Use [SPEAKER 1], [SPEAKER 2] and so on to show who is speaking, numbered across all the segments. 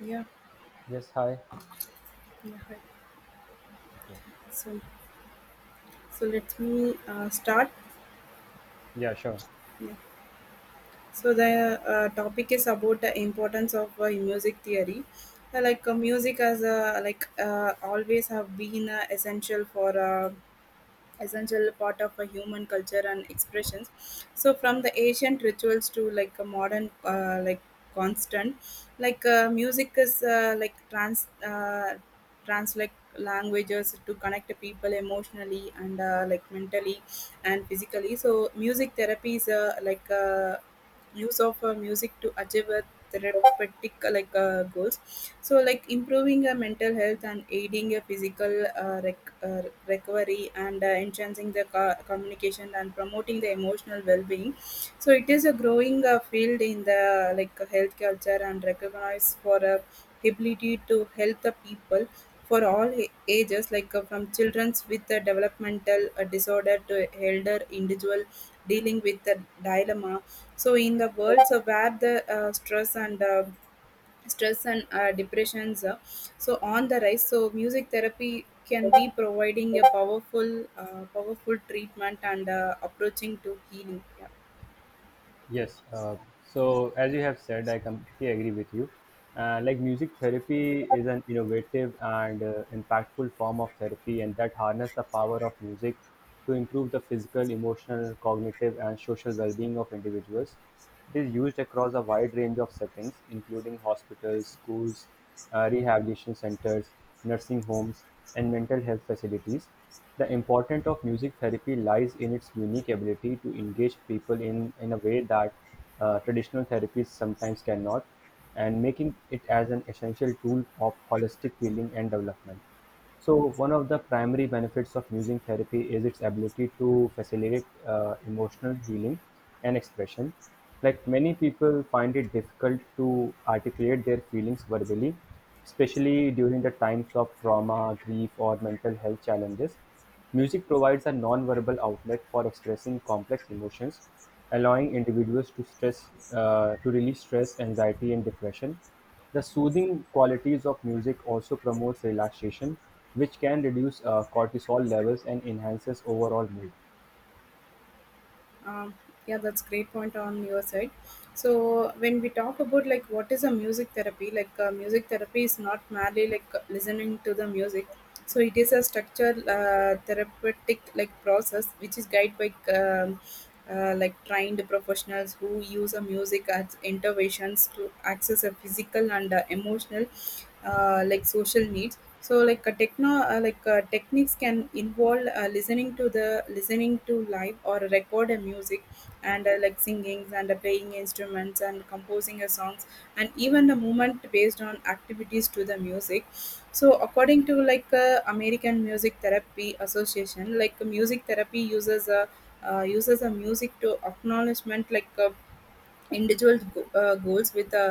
[SPEAKER 1] Yeah,
[SPEAKER 2] Yes, hi.
[SPEAKER 1] yeah. Hi.
[SPEAKER 2] Okay.
[SPEAKER 1] So, so let me start.
[SPEAKER 2] Yeah, sure.
[SPEAKER 1] Yeah. So the topic is about the importance of music theory. Like music as a, like always have been essential part of a human culture and expressions, so from the ancient rituals to like a modern, like constant, like music is like translate languages to connect people emotionally and like mentally and physically, so music therapy is like use of music to achieve a therapeutic, like goals, so like improving mental health and aiding a physical recovery and enhancing the communication and promoting the emotional well-being, so it is a growing field in the like health culture and recognized for a ability to help the people for all ages, like from children with a developmental disorder to elder individual dealing with the dilemma, so in the worlds of where the stress and depressions, so on the rise, so music therapy can be providing a powerful treatment and approaching to healing. Yeah.
[SPEAKER 2] Yes. So, as you have said, I completely agree with you. Music therapy is an innovative and impactful form of therapy, and that harness the power of music to improve the physical, emotional, cognitive, and social well-being of individuals. It is used across a wide range of settings, including hospitals, schools, rehabilitation centers, nursing homes, and mental health facilities. The importance of music therapy lies in its unique ability to engage people in a way that traditional therapies sometimes cannot, and making it as an essential tool of holistic healing and development. So, one of the primary benefits of music therapy is its ability to facilitate emotional healing and expression. Like, many people find it difficult to articulate their feelings verbally, especially during the times of trauma, grief, or mental health challenges. Music provides a non-verbal outlet for expressing complex emotions, allowing individuals to stress to release stress, anxiety, and depression. The soothing qualities of music also promotes relaxation, which can reduce cortisol levels and enhances overall mood.
[SPEAKER 1] Um, yeah, that's great point on your side. So when we talk about like what is a music therapy, like music therapy is not merely like listening to the music, so it is a structured therapeutic like process which is guided by like trained professionals who use a music as interventions to access a physical and emotional like social needs, so like a techno like techniques can involve listening to live or record a music, and like singings and playing instruments and composing a song and even the movement based on activities to the music. So according to like American Music Therapy Association, like music therapy uses a music to acknowledgement, like individual goals with a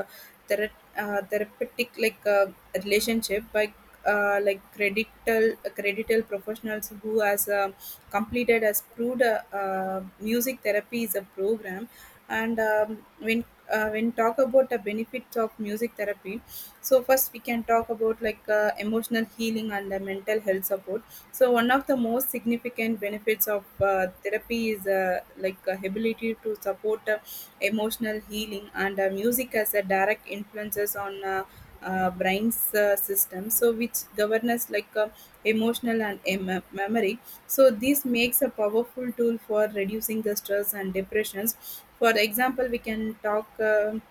[SPEAKER 1] thera- therapeutic like relationship by like credital professionals who has completed has proved music therapy is a program. And when talk about the benefits of music therapy, so first we can talk about like emotional healing and the mental health support. So one of the most significant benefits of therapy is like ability to support emotional healing, and music as a direct influences on brain's system, so which governs like emotional and memory. So this makes a powerful tool for reducing the stress and depressions. For example, we can talk.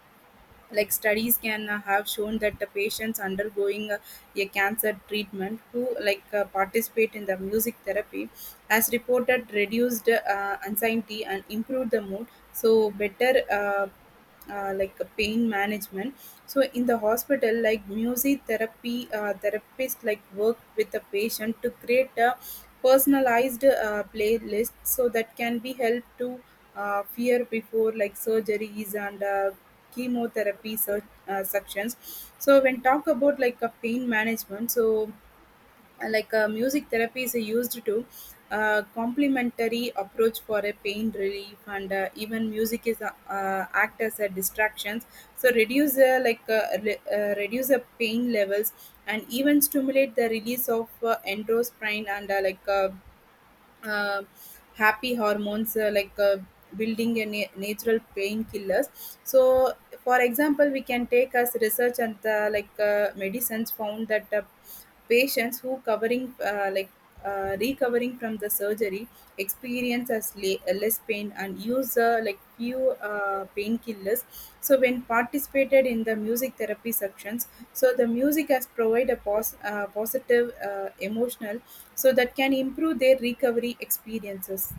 [SPEAKER 1] Like studies can have shown that the patients undergoing a cancer treatment who like participate in the music therapy has reported reduced anxiety and improved the mood, so better like pain management, so in the hospital like music therapy therapist like work with the patient to create a personalized playlist so that can be helped to fear before like surgeries and chemotherapy sections. So when talk about like a pain management, so like music therapy is used to complementary approach for a pain relief, and even music is act as a distractions, so reduce like reduce the pain levels and even stimulate the release of endorphin and like uh, happy hormones, like building a natural painkillers. So for example, we can take as research and like medicines found that patients who covering like recovering from the surgery experience as less pain and use like few painkillers, so when participated in the music therapy sections, so the music has provide a positive emotional so that can improve their recovery experiences.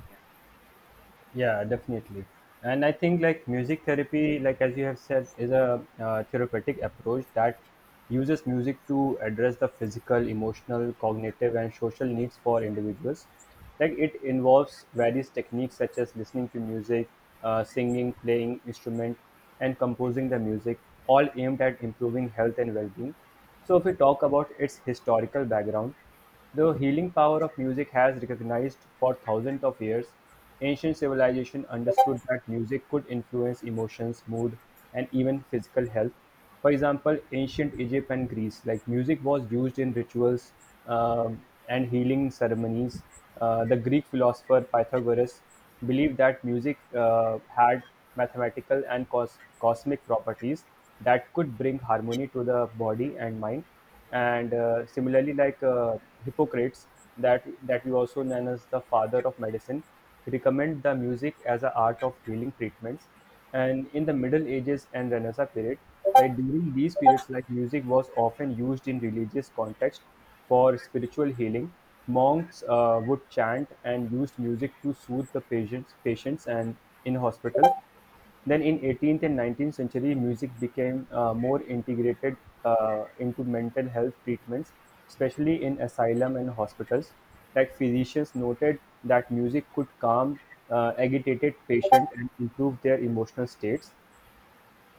[SPEAKER 2] Yeah, definitely. And I think like music therapy, like as you have said, is a therapeutic approach that uses music to address the physical, emotional, cognitive, and social needs for individuals. Like, it involves various techniques such as listening to music, singing, playing instrument, and composing the music, all aimed at improving health and well-being. So if we talk about its historical background, the healing power of music has recognized for thousands of years. Ancient civilization understood that music could influence emotions, mood, and even physical health. For example, ancient Egypt and Greece, like music was used in rituals um, and healing ceremonies. The Greek philosopher Pythagoras believed that music had mathematical and cosmic properties that could bring harmony to the body and mind. And similarly, Hippocrates, that we also known as the father of medicine, recommend the music as a art of healing treatments. And in the middle ages and renaissance period, like during these periods, like music was often used in religious context for spiritual healing. Monks would chant and used music to soothe the patients and in hospital. Then in 18th and 19th century, music became more integrated into mental health treatments, especially in asylum and hospitals. Like, physicians noted that music could calm agitated patients and improve their emotional states.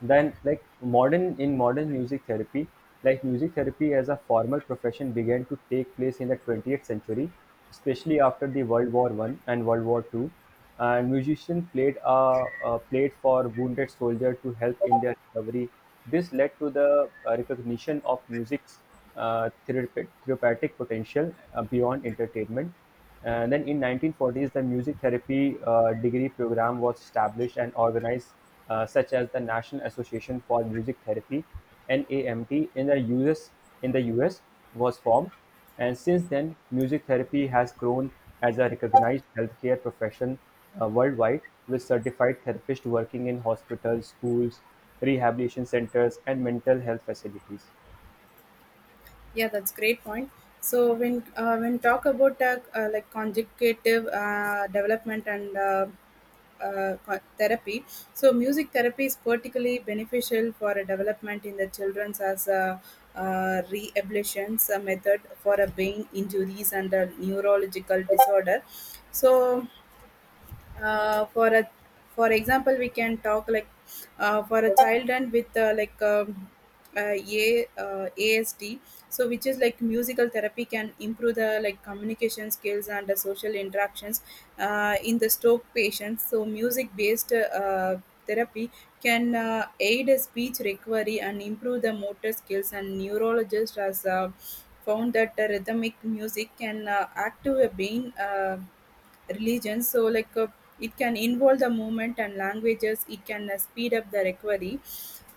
[SPEAKER 2] Then, like modern in modern music therapy, like music therapy as a formal profession began to take place in the 20th century, especially after the World War I and World War II, and musicians played a played for wounded soldiers to help in their recovery. This led to the recognition of music's therapeutic potential beyond entertainment. And then in 1940s, the music therapy degree program was established and organized, such as the National Association for Music Therapy (NAMT) in the US. In the US, was formed, and since then, music therapy has grown as a recognized healthcare profession worldwide, with certified therapists working in hospitals, schools, rehabilitation centers, and mental health facilities.
[SPEAKER 1] Yeah, that's great point. So when when talk about like conjugative development and therapy. So music therapy is particularly beneficial for a development in the children's as a rehabilitation method for a brain injuries and a neurological disorder. So, uh, for a for example, we can talk like for a child and with like a ASD, so which is like musical therapy can improve the like communication skills and the social interactions. In the stroke patients, so music based therapy can aid speech recovery and improve the motor skills, and neurologist has found that the rhythmic music can active a brain religions, so like it can involve the movement and languages, it can speed up the recovery.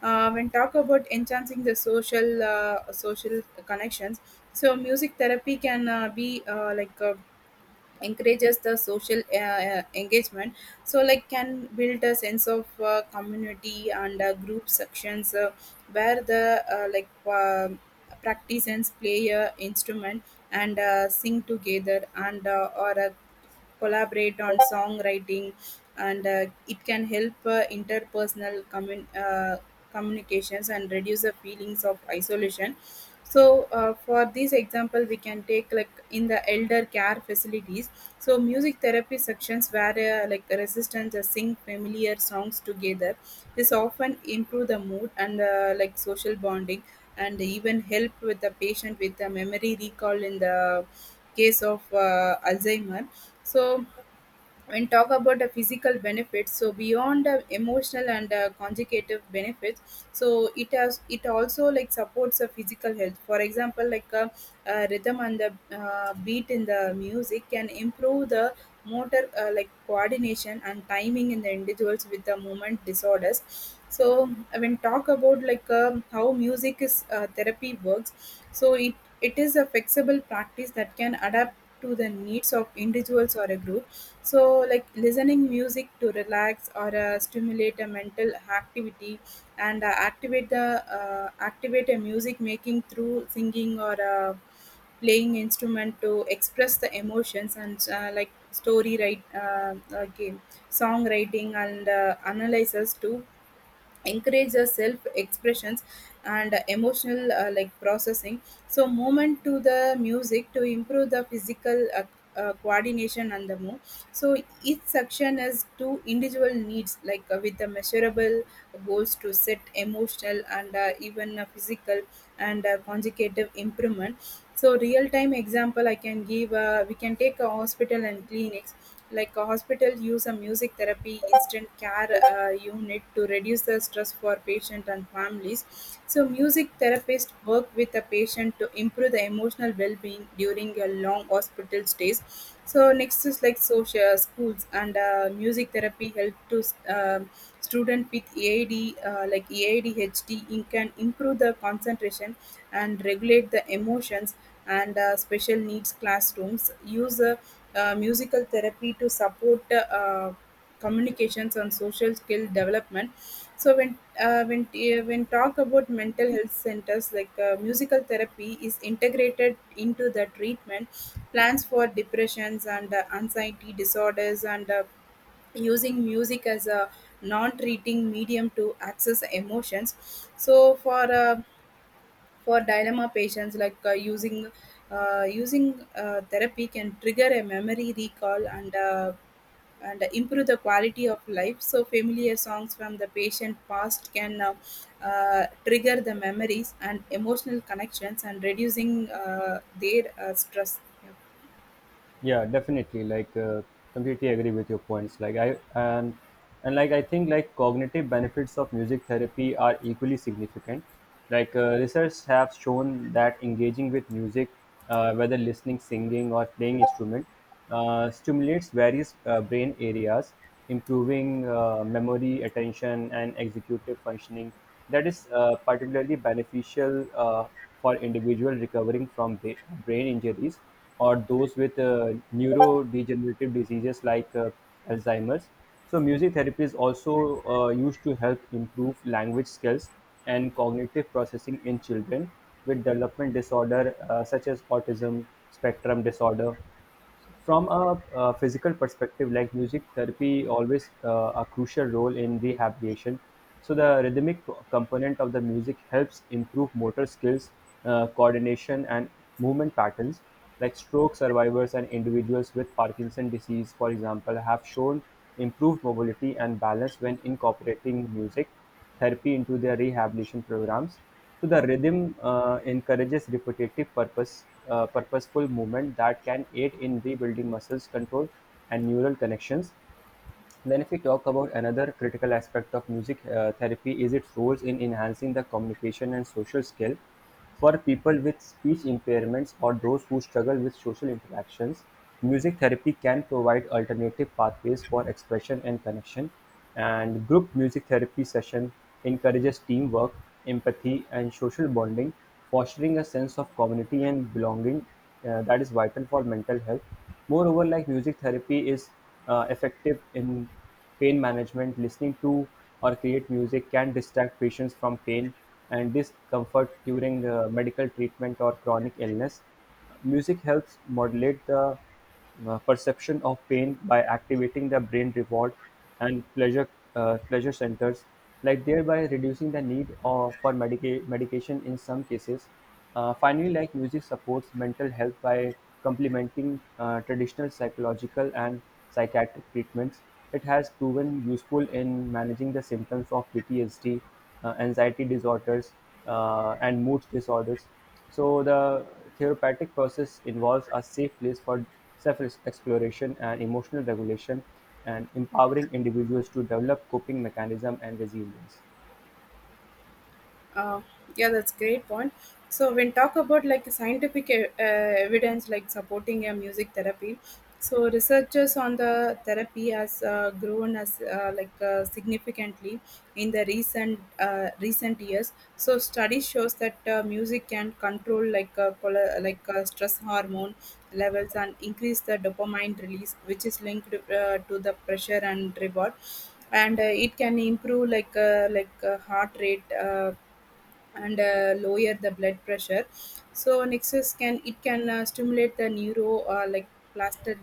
[SPEAKER 1] When talk about enhancing the social social connections, so music therapy can be like encourages the social engagement, so like can build a sense of community and group sections, where the like uh, practitioners play a instrument and sing together and or collaborate on songwriting, and it can help interpersonal communications and reduce the feelings of isolation. So, for this example, we can take like in the elder care facilities. So, music therapy sections where like resistance sing familiar songs together. This often improve the mood and like social bonding, and even help with the patient with the memory recall in the case of Alzheimer. So, and talk about the physical benefits, so beyond the emotional and conjugative benefits, so it has it also like supports the physical health. For example, like rhythm and the beat in the music can improve the motor, like coordination and timing in the individuals with the movement disorders. So when talk about like how music is therapy works, so it is a flexible practice that can adapt to the needs of individuals or a group, so like listening music to relax or stimulate a mental activity, and activate a music making through singing or playing instrument to express the emotions, and like story write game songwriting and analysis too. Encourage the self expressions and emotional like processing, so movement to the music to improve the physical coordination and the move. So each section has two individual needs, like with the measurable goals to set emotional and even physical and consecutive improvement. So real time example I can give, we can take a hospital and clinics, like a hospital use a music therapy instant care unit to reduce the stress for patient and families, so music therapists work with the patient to improve the emotional well-being during a long hospital stays. So next is like social schools, and music therapy help to um student with EADHD in can improve the concentration and regulate the emotions, and special needs classrooms use musical therapy to support communications and social skill development. So when when talk about mental health centers, like musical therapy is integrated into the treatment plans for depressions and anxiety disorders, and using music as a non-treating medium to access emotions, so for dilemma patients, like using using therapy can trigger a memory recall, and and improve the quality of life, so familiar songs from the patient past can trigger the memories and emotional connections and reducing their stress. Yeah.
[SPEAKER 2] Yeah, definitely. Completely agree with your points. Like, I think like cognitive benefits of music therapy are equally significant. Research have shown that engaging with music, whether listening, singing, or playing instrument, stimulates various brain areas, improving memory, attention, and executive functioning. That is particularly beneficial for individuals recovering from brain injuries or those with neurodegenerative diseases like Alzheimer's. So, music therapy is also used to help improve language skills and cognitive processing in children with development disorder such as autism spectrum disorder. From a physical perspective, like music therapy always a crucial role in rehabilitation. So the rhythmic component of the music helps improve motor skills, coordination, and movement patterns. Like, stroke survivors and individuals with Parkinson disease, for example, have shown improved mobility and balance when incorporating music therapy into their rehabilitation programs. So the rhythm encourages purposeful movement that can aid in rebuilding muscles control and neural connections. Then if we talk about another critical aspect of music therapy is its roles in enhancing the communication and social skill for people with speech impairments or those who struggle with social interactions. Music therapy can provide alternative pathways for expression and connection, and group music therapy session encourages teamwork, empathy, and social bonding, fostering a sense of community and belonging that is vital for mental health. Moreover, like music therapy is effective in pain management. Listening to or create music can distract patients from pain and discomfort during medical treatment or chronic illness. Music helps modulate the perception of pain by activating the brain reward and pleasure centers, like thereby reducing the need of, for medication in some cases. Finally, music supports mental health by complementing traditional psychological and psychiatric treatments. It has proven useful in managing the symptoms of PTSD, anxiety disorders, and mood disorders. So, the therapeutic process involves a safe place for self exploration and emotional regulation and empowering individuals to develop coping mechanism and resilience.
[SPEAKER 1] Uh, yeah, that's great point. So when talk about like scientific evidence like supporting a music therapy, so researchers on the therapy has grown as like significantly in the recent years. So study shows that music can control like stress hormone levels and increase the dopamine release, which is linked to the pressure and reward, and it can improve, like heart rate. And lower the blood pressure. So nexus can it can stimulate the neuro, plastic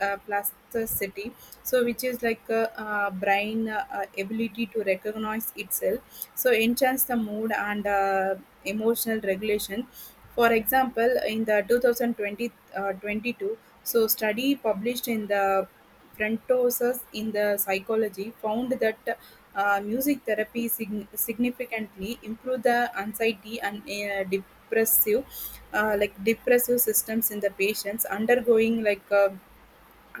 [SPEAKER 1] plasticity so which is like a brain ability to recognize itself, so enhance the mood and emotional regulation. For example, in the 2020 uh, 22 so study published in the Frontosus in the psychology found that music therapy significantly improved the anxiety and depressive systems in the patients undergoing like uh,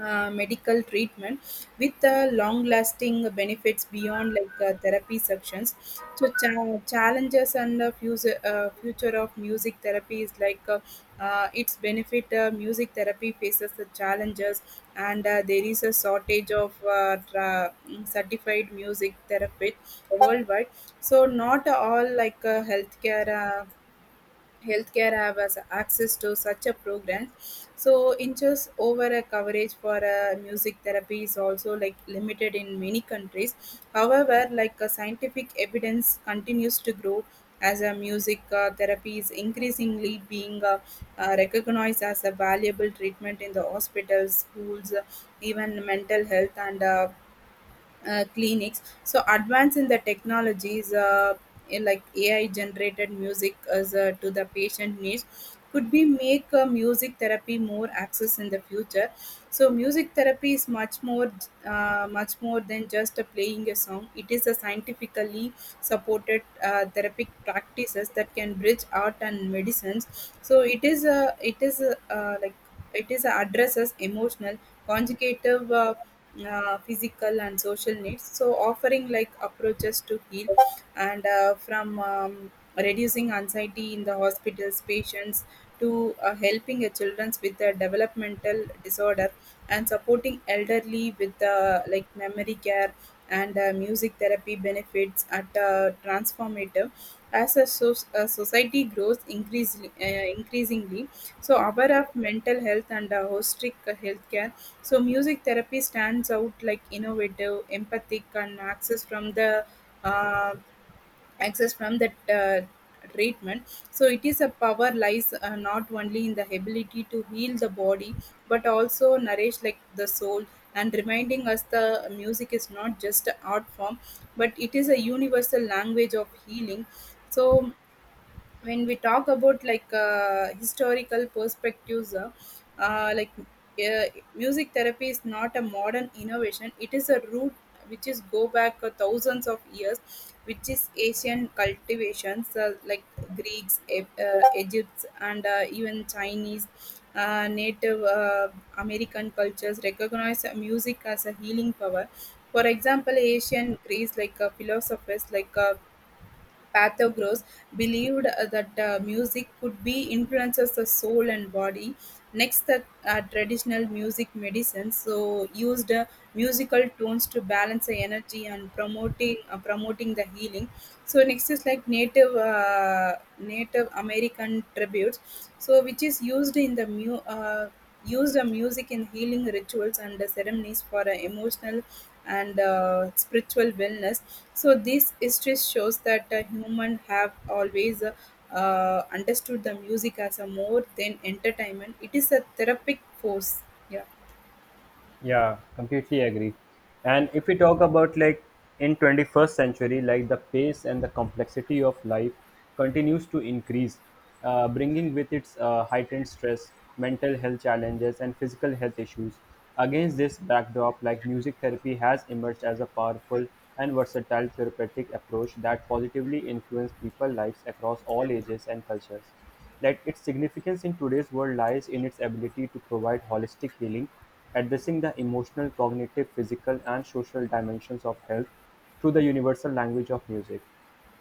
[SPEAKER 1] uh, medical treatment with long lasting benefits beyond therapy sections. So challenges and the future, future of music therapy is like its benefit music therapy faces the challenges, and there is a shortage of certified music therapists worldwide. So not all like uh, healthcare have as access to such a program. So inches over a coverage for music therapy is also like limited in many countries. However, scientific evidence continues to grow, as a music therapy is increasingly being recognized as a valuable treatment in the hospitals, schools, even mental health and clinics. So advance in the technologies, in like AI generated music as to the patient needs, could be make music therapy more access in the future. So music therapy is much more than just playing a song. It is a scientifically supported therapeutic practices that can bridge art and medicines. So it is addresses emotional, conjugative, physical, and social needs. So offering like approaches to heal and from reducing anxiety in the hospitals patients, to helping a children's with a developmental disorder, and supporting elderly with memory care. And music therapy benefits are transformative as a society grows increasingly so aware of mental health and holistic healthcare. So music therapy stands out like innovative, empathic and uh, access from that treatment so it is a power lies, not only in the ability to heal the body, but also nourish like the soul, and reminding us the music is not just an art form, but it is a universal language of healing. So when we talk about historical perspectives, uh, like uh, music therapy is not a modern innovation, it is a root which is go back thousands of years, which is Asian cultivations, greeks egypt and even Chinese, native american cultures recognize music as a healing power. For example, Asian Greece philosophers like Pythagoras believed that music could be influences the soul and body. Next, the traditional music medicines so used musical tones to balance the energy and promoting the healing. So next is like Native American tributes, so which is used in the used a music in healing rituals and ceremonies for a emotional and spiritual wellness. So this history shows that human have always understood the music as a more than entertainment, it is a therapeutic force. Yeah.
[SPEAKER 2] Yeah, completely agree. And if we talk about like in 21st century, like the pace and the complexity of life continues to increase, bringing with its heightened stress, mental health challenges, and physical health issues. Against this backdrop, like music therapy has emerged as a powerful and versatile therapeutic approach that positively influences people's lives across all ages and cultures. Like, its significance in today's world lies in its ability to provide holistic healing, addressing the emotional, cognitive, physical, and social dimensions of health through the universal language of music.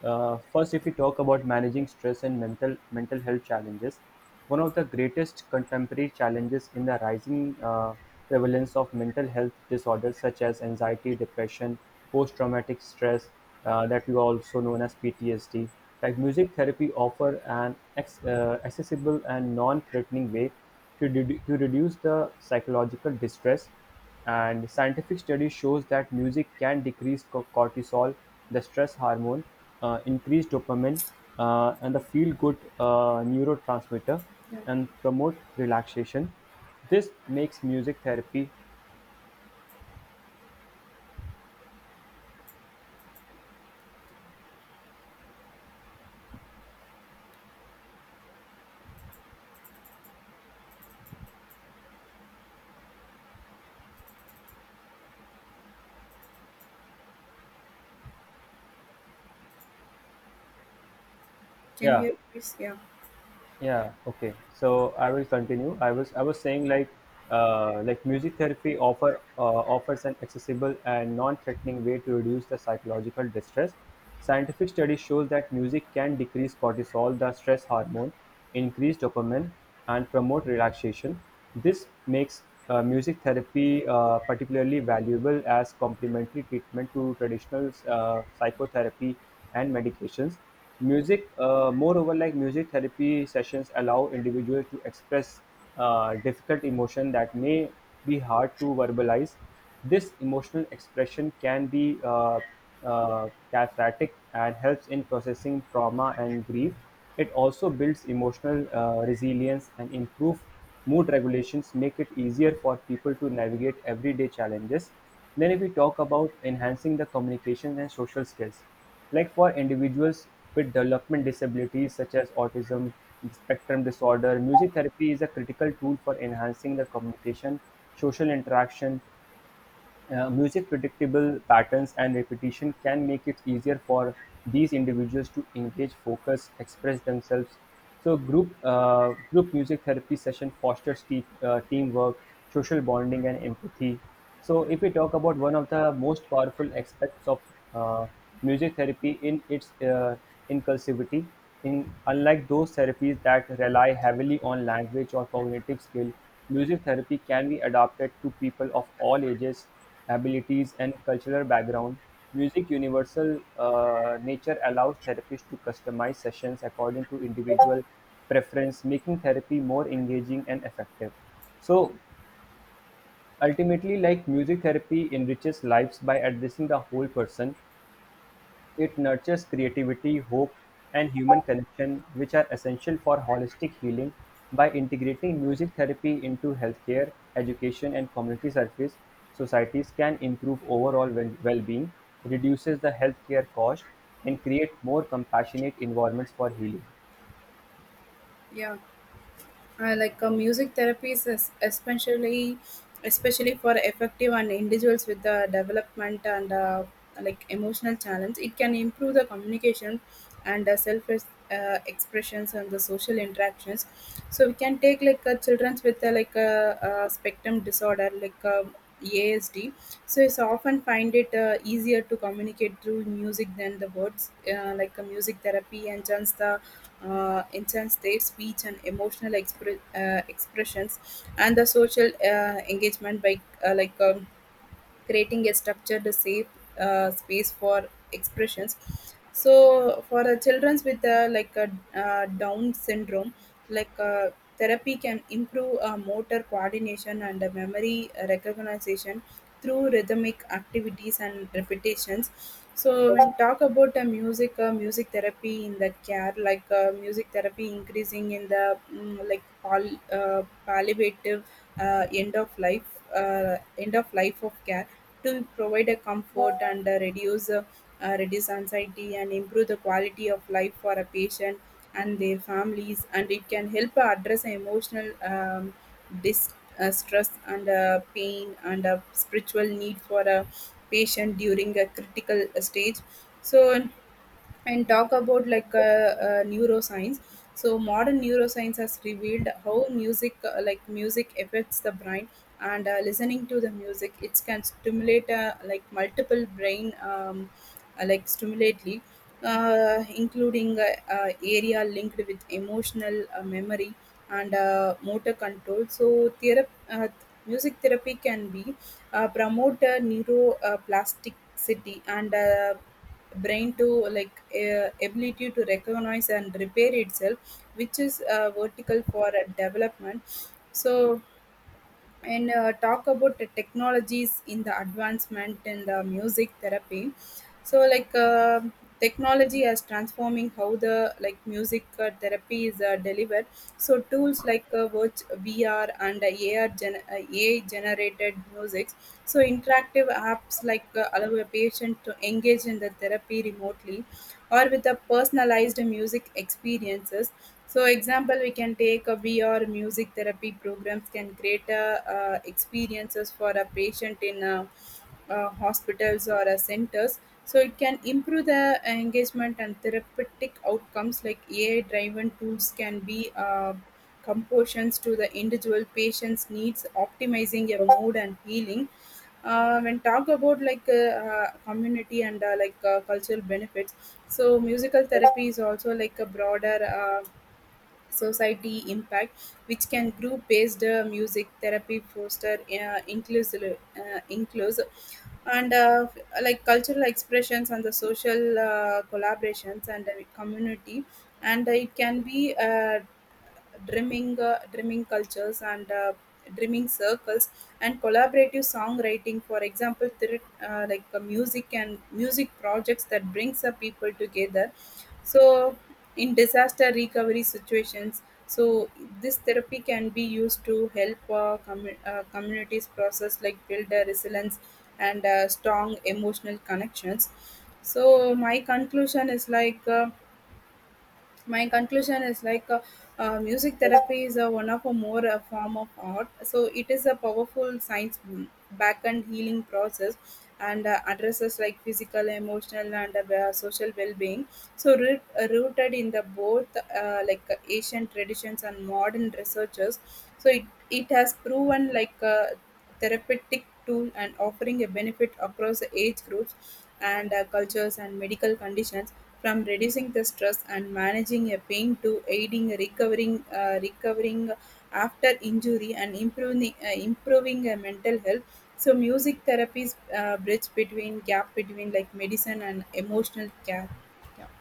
[SPEAKER 2] First, if we talk about managing stress and mental health challenges, one of the greatest contemporary challenges in the rising prevalence of mental health disorders such as anxiety, depression, post-traumatic stress, that we also known as PTSD. Like, music therapy offer an accessible and non-threatening way to to reduce the psychological distress. And scientific study shows that music can decrease cortisol, the stress hormone, increase dopamine, and the feel-good neurotransmitter, and promote relaxation. This makes music therapy,
[SPEAKER 1] Can you
[SPEAKER 2] yeah.
[SPEAKER 1] hear, please? Yeah.
[SPEAKER 2] Yeah okay so I will continue. I was saying like, like, music therapy offers an accessible and non-threatening way to reduce the psychological distress. Scientific study shows that music can decrease cortisol, the stress hormone, increase dopamine, and promote relaxation. This makes music therapy particularly valuable as complementary treatment to traditional psychotherapy and medications. Moreover, music therapy sessions allow individuals to express difficult emotion that may be hard to verbalize. This emotional expression can be cathartic and helps in processing trauma and grief. It also builds emotional resilience and improve mood regulations, make it easier for people to navigate everyday challenges. Then, if we talk about enhancing the communication and social skills, like for individuals with development disabilities such as autism spectrum disorder, music therapy is a critical tool for enhancing the communication, social interaction. Music predictable patterns and repetition can make it easier for these individuals to engage, focus, express themselves. So group music therapy session fosters teamwork, social bonding, and empathy. So if we talk about one of the most powerful aspects of uh, music therapy, in its inclusivity, in unlike those therapies that rely heavily on language or cognitive skill, music therapy can be adapted to people of all ages, abilities, and cultural background. Music's universal nature allows therapists to customize sessions according to individual preference, making therapy more engaging and effective. So, ultimately, like music therapy enriches lives by addressing the whole person. It nurtures creativity, hope, and human connection, which are essential for holistic healing. By integrating music therapy into healthcare, education, and community service, societies can improve overall well being, reduces the healthcare cost, and create more compassionate environments for healing.
[SPEAKER 1] Yeah. Music therapy is especially especially for effective and individuals with the development and like emotional challenge, it can improve the communication and self expressions and the social interactions. So we can take children with like a spectrum disorder like ASD. So it's often find it easier to communicate through music than the words, like a music therapy enchants their speech and emotional expressions, and the social engagement by uh, like. Um, creating a structured, safe space for expressions. So, for children with like a Down syndrome, like uh, therapy can improve motor coordination and memory recognition through rhythmic activities and repetitions. So when talk about music therapy in the care, music therapy increasing in the palliative end of life of care, to provide a comfort and reduce anxiety and improve the quality of life for a patient and their families, and it can help address emotional stress and pain and a spiritual need for a patient during a critical stage. So and talk about neuroscience so modern neuroscience has revealed how music affects the brain, and listening to the music it can stimulate multiple brain, like stimulately including area linked with emotional memory and motor control. So music therapy can be promote neuroplasticity and brain to ability to recognize and repair itself, which is vertical for development so and talk about the technologies in the advancement in the music therapy. So technology is transforming how the like music therapy is delivered so tools like vr and ai generated music, so interactive apps allow a patient to engage in the therapy remotely or with a personalized music experiences. So, example, we can take a VR music therapy programs can create experiences for a patient in hospitals or centers. So it can improve the engagement and therapeutic outcomes, like AI-driven tools can be compositions to the individual patient's needs, optimizing your mood and healing. When talk about community and cultural benefits, so musical therapy is also like a broader society impact, which can group-based music therapy foster inclusive and cultural expressions and the social collaborations and community and it can be dreaming cultures and dreaming circles and collaborative songwriting, for example music and music projects that brings the people together. So in disaster recovery situations, so this therapy can be used to help communities process, like build a resilience and strong emotional connections. So my conclusion is music therapy is one of a more form of art. So it is a powerful science back and healing process, and addresses like physical, emotional and social well-being, so rooted in the both Asian traditions and modern researchers. So it has proven like a therapeutic tool and offering a benefit across the age groups and cultures and medical conditions, from reducing the stress and managing a pain to aiding recovering after injury and improving mental health. So music therapy is bridge between gap between like medicine and emotional care. Yeah.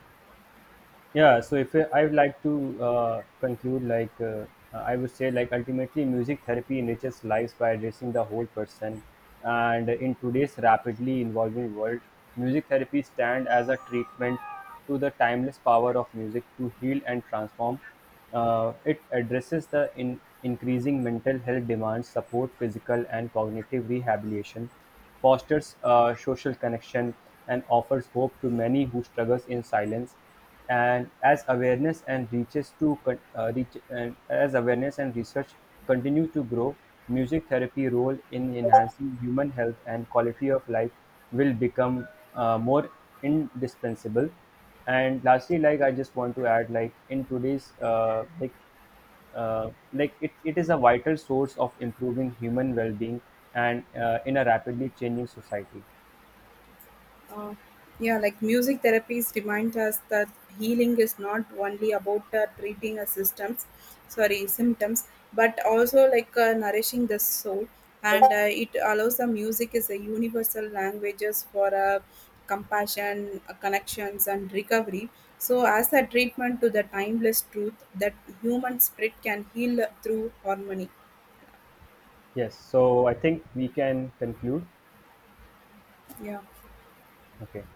[SPEAKER 2] Yeah. So if I would like to conclude, I would say like ultimately music therapy enriches lives by addressing the whole person. And in today's rapidly evolving world, music therapy stands as a treatment to the timeless power of music to heal and transform. It addresses the in increasing mental health demands, support physical and cognitive rehabilitation, fosters social connection, and offers hope to many who struggles in silence. And as awareness and reaches to con- reach and as awareness and research continue to grow, music therapy role in enhancing human health and quality of life will become more indispensable. And lastly, like I just want to add, like in today's, it, it is a vital source of improving human well-being and in a rapidly changing society.
[SPEAKER 1] Uh, yeah, like music therapies remind us that healing is not only about treating symptoms, but also nourishing the soul. And it allows the music is a universal languages for compassion, connections, and recovery. So, as a treatment to the timeless truth that human spirit can heal through harmony.
[SPEAKER 2] Yes, so I think we can conclude.
[SPEAKER 1] Yeah.
[SPEAKER 2] Okay.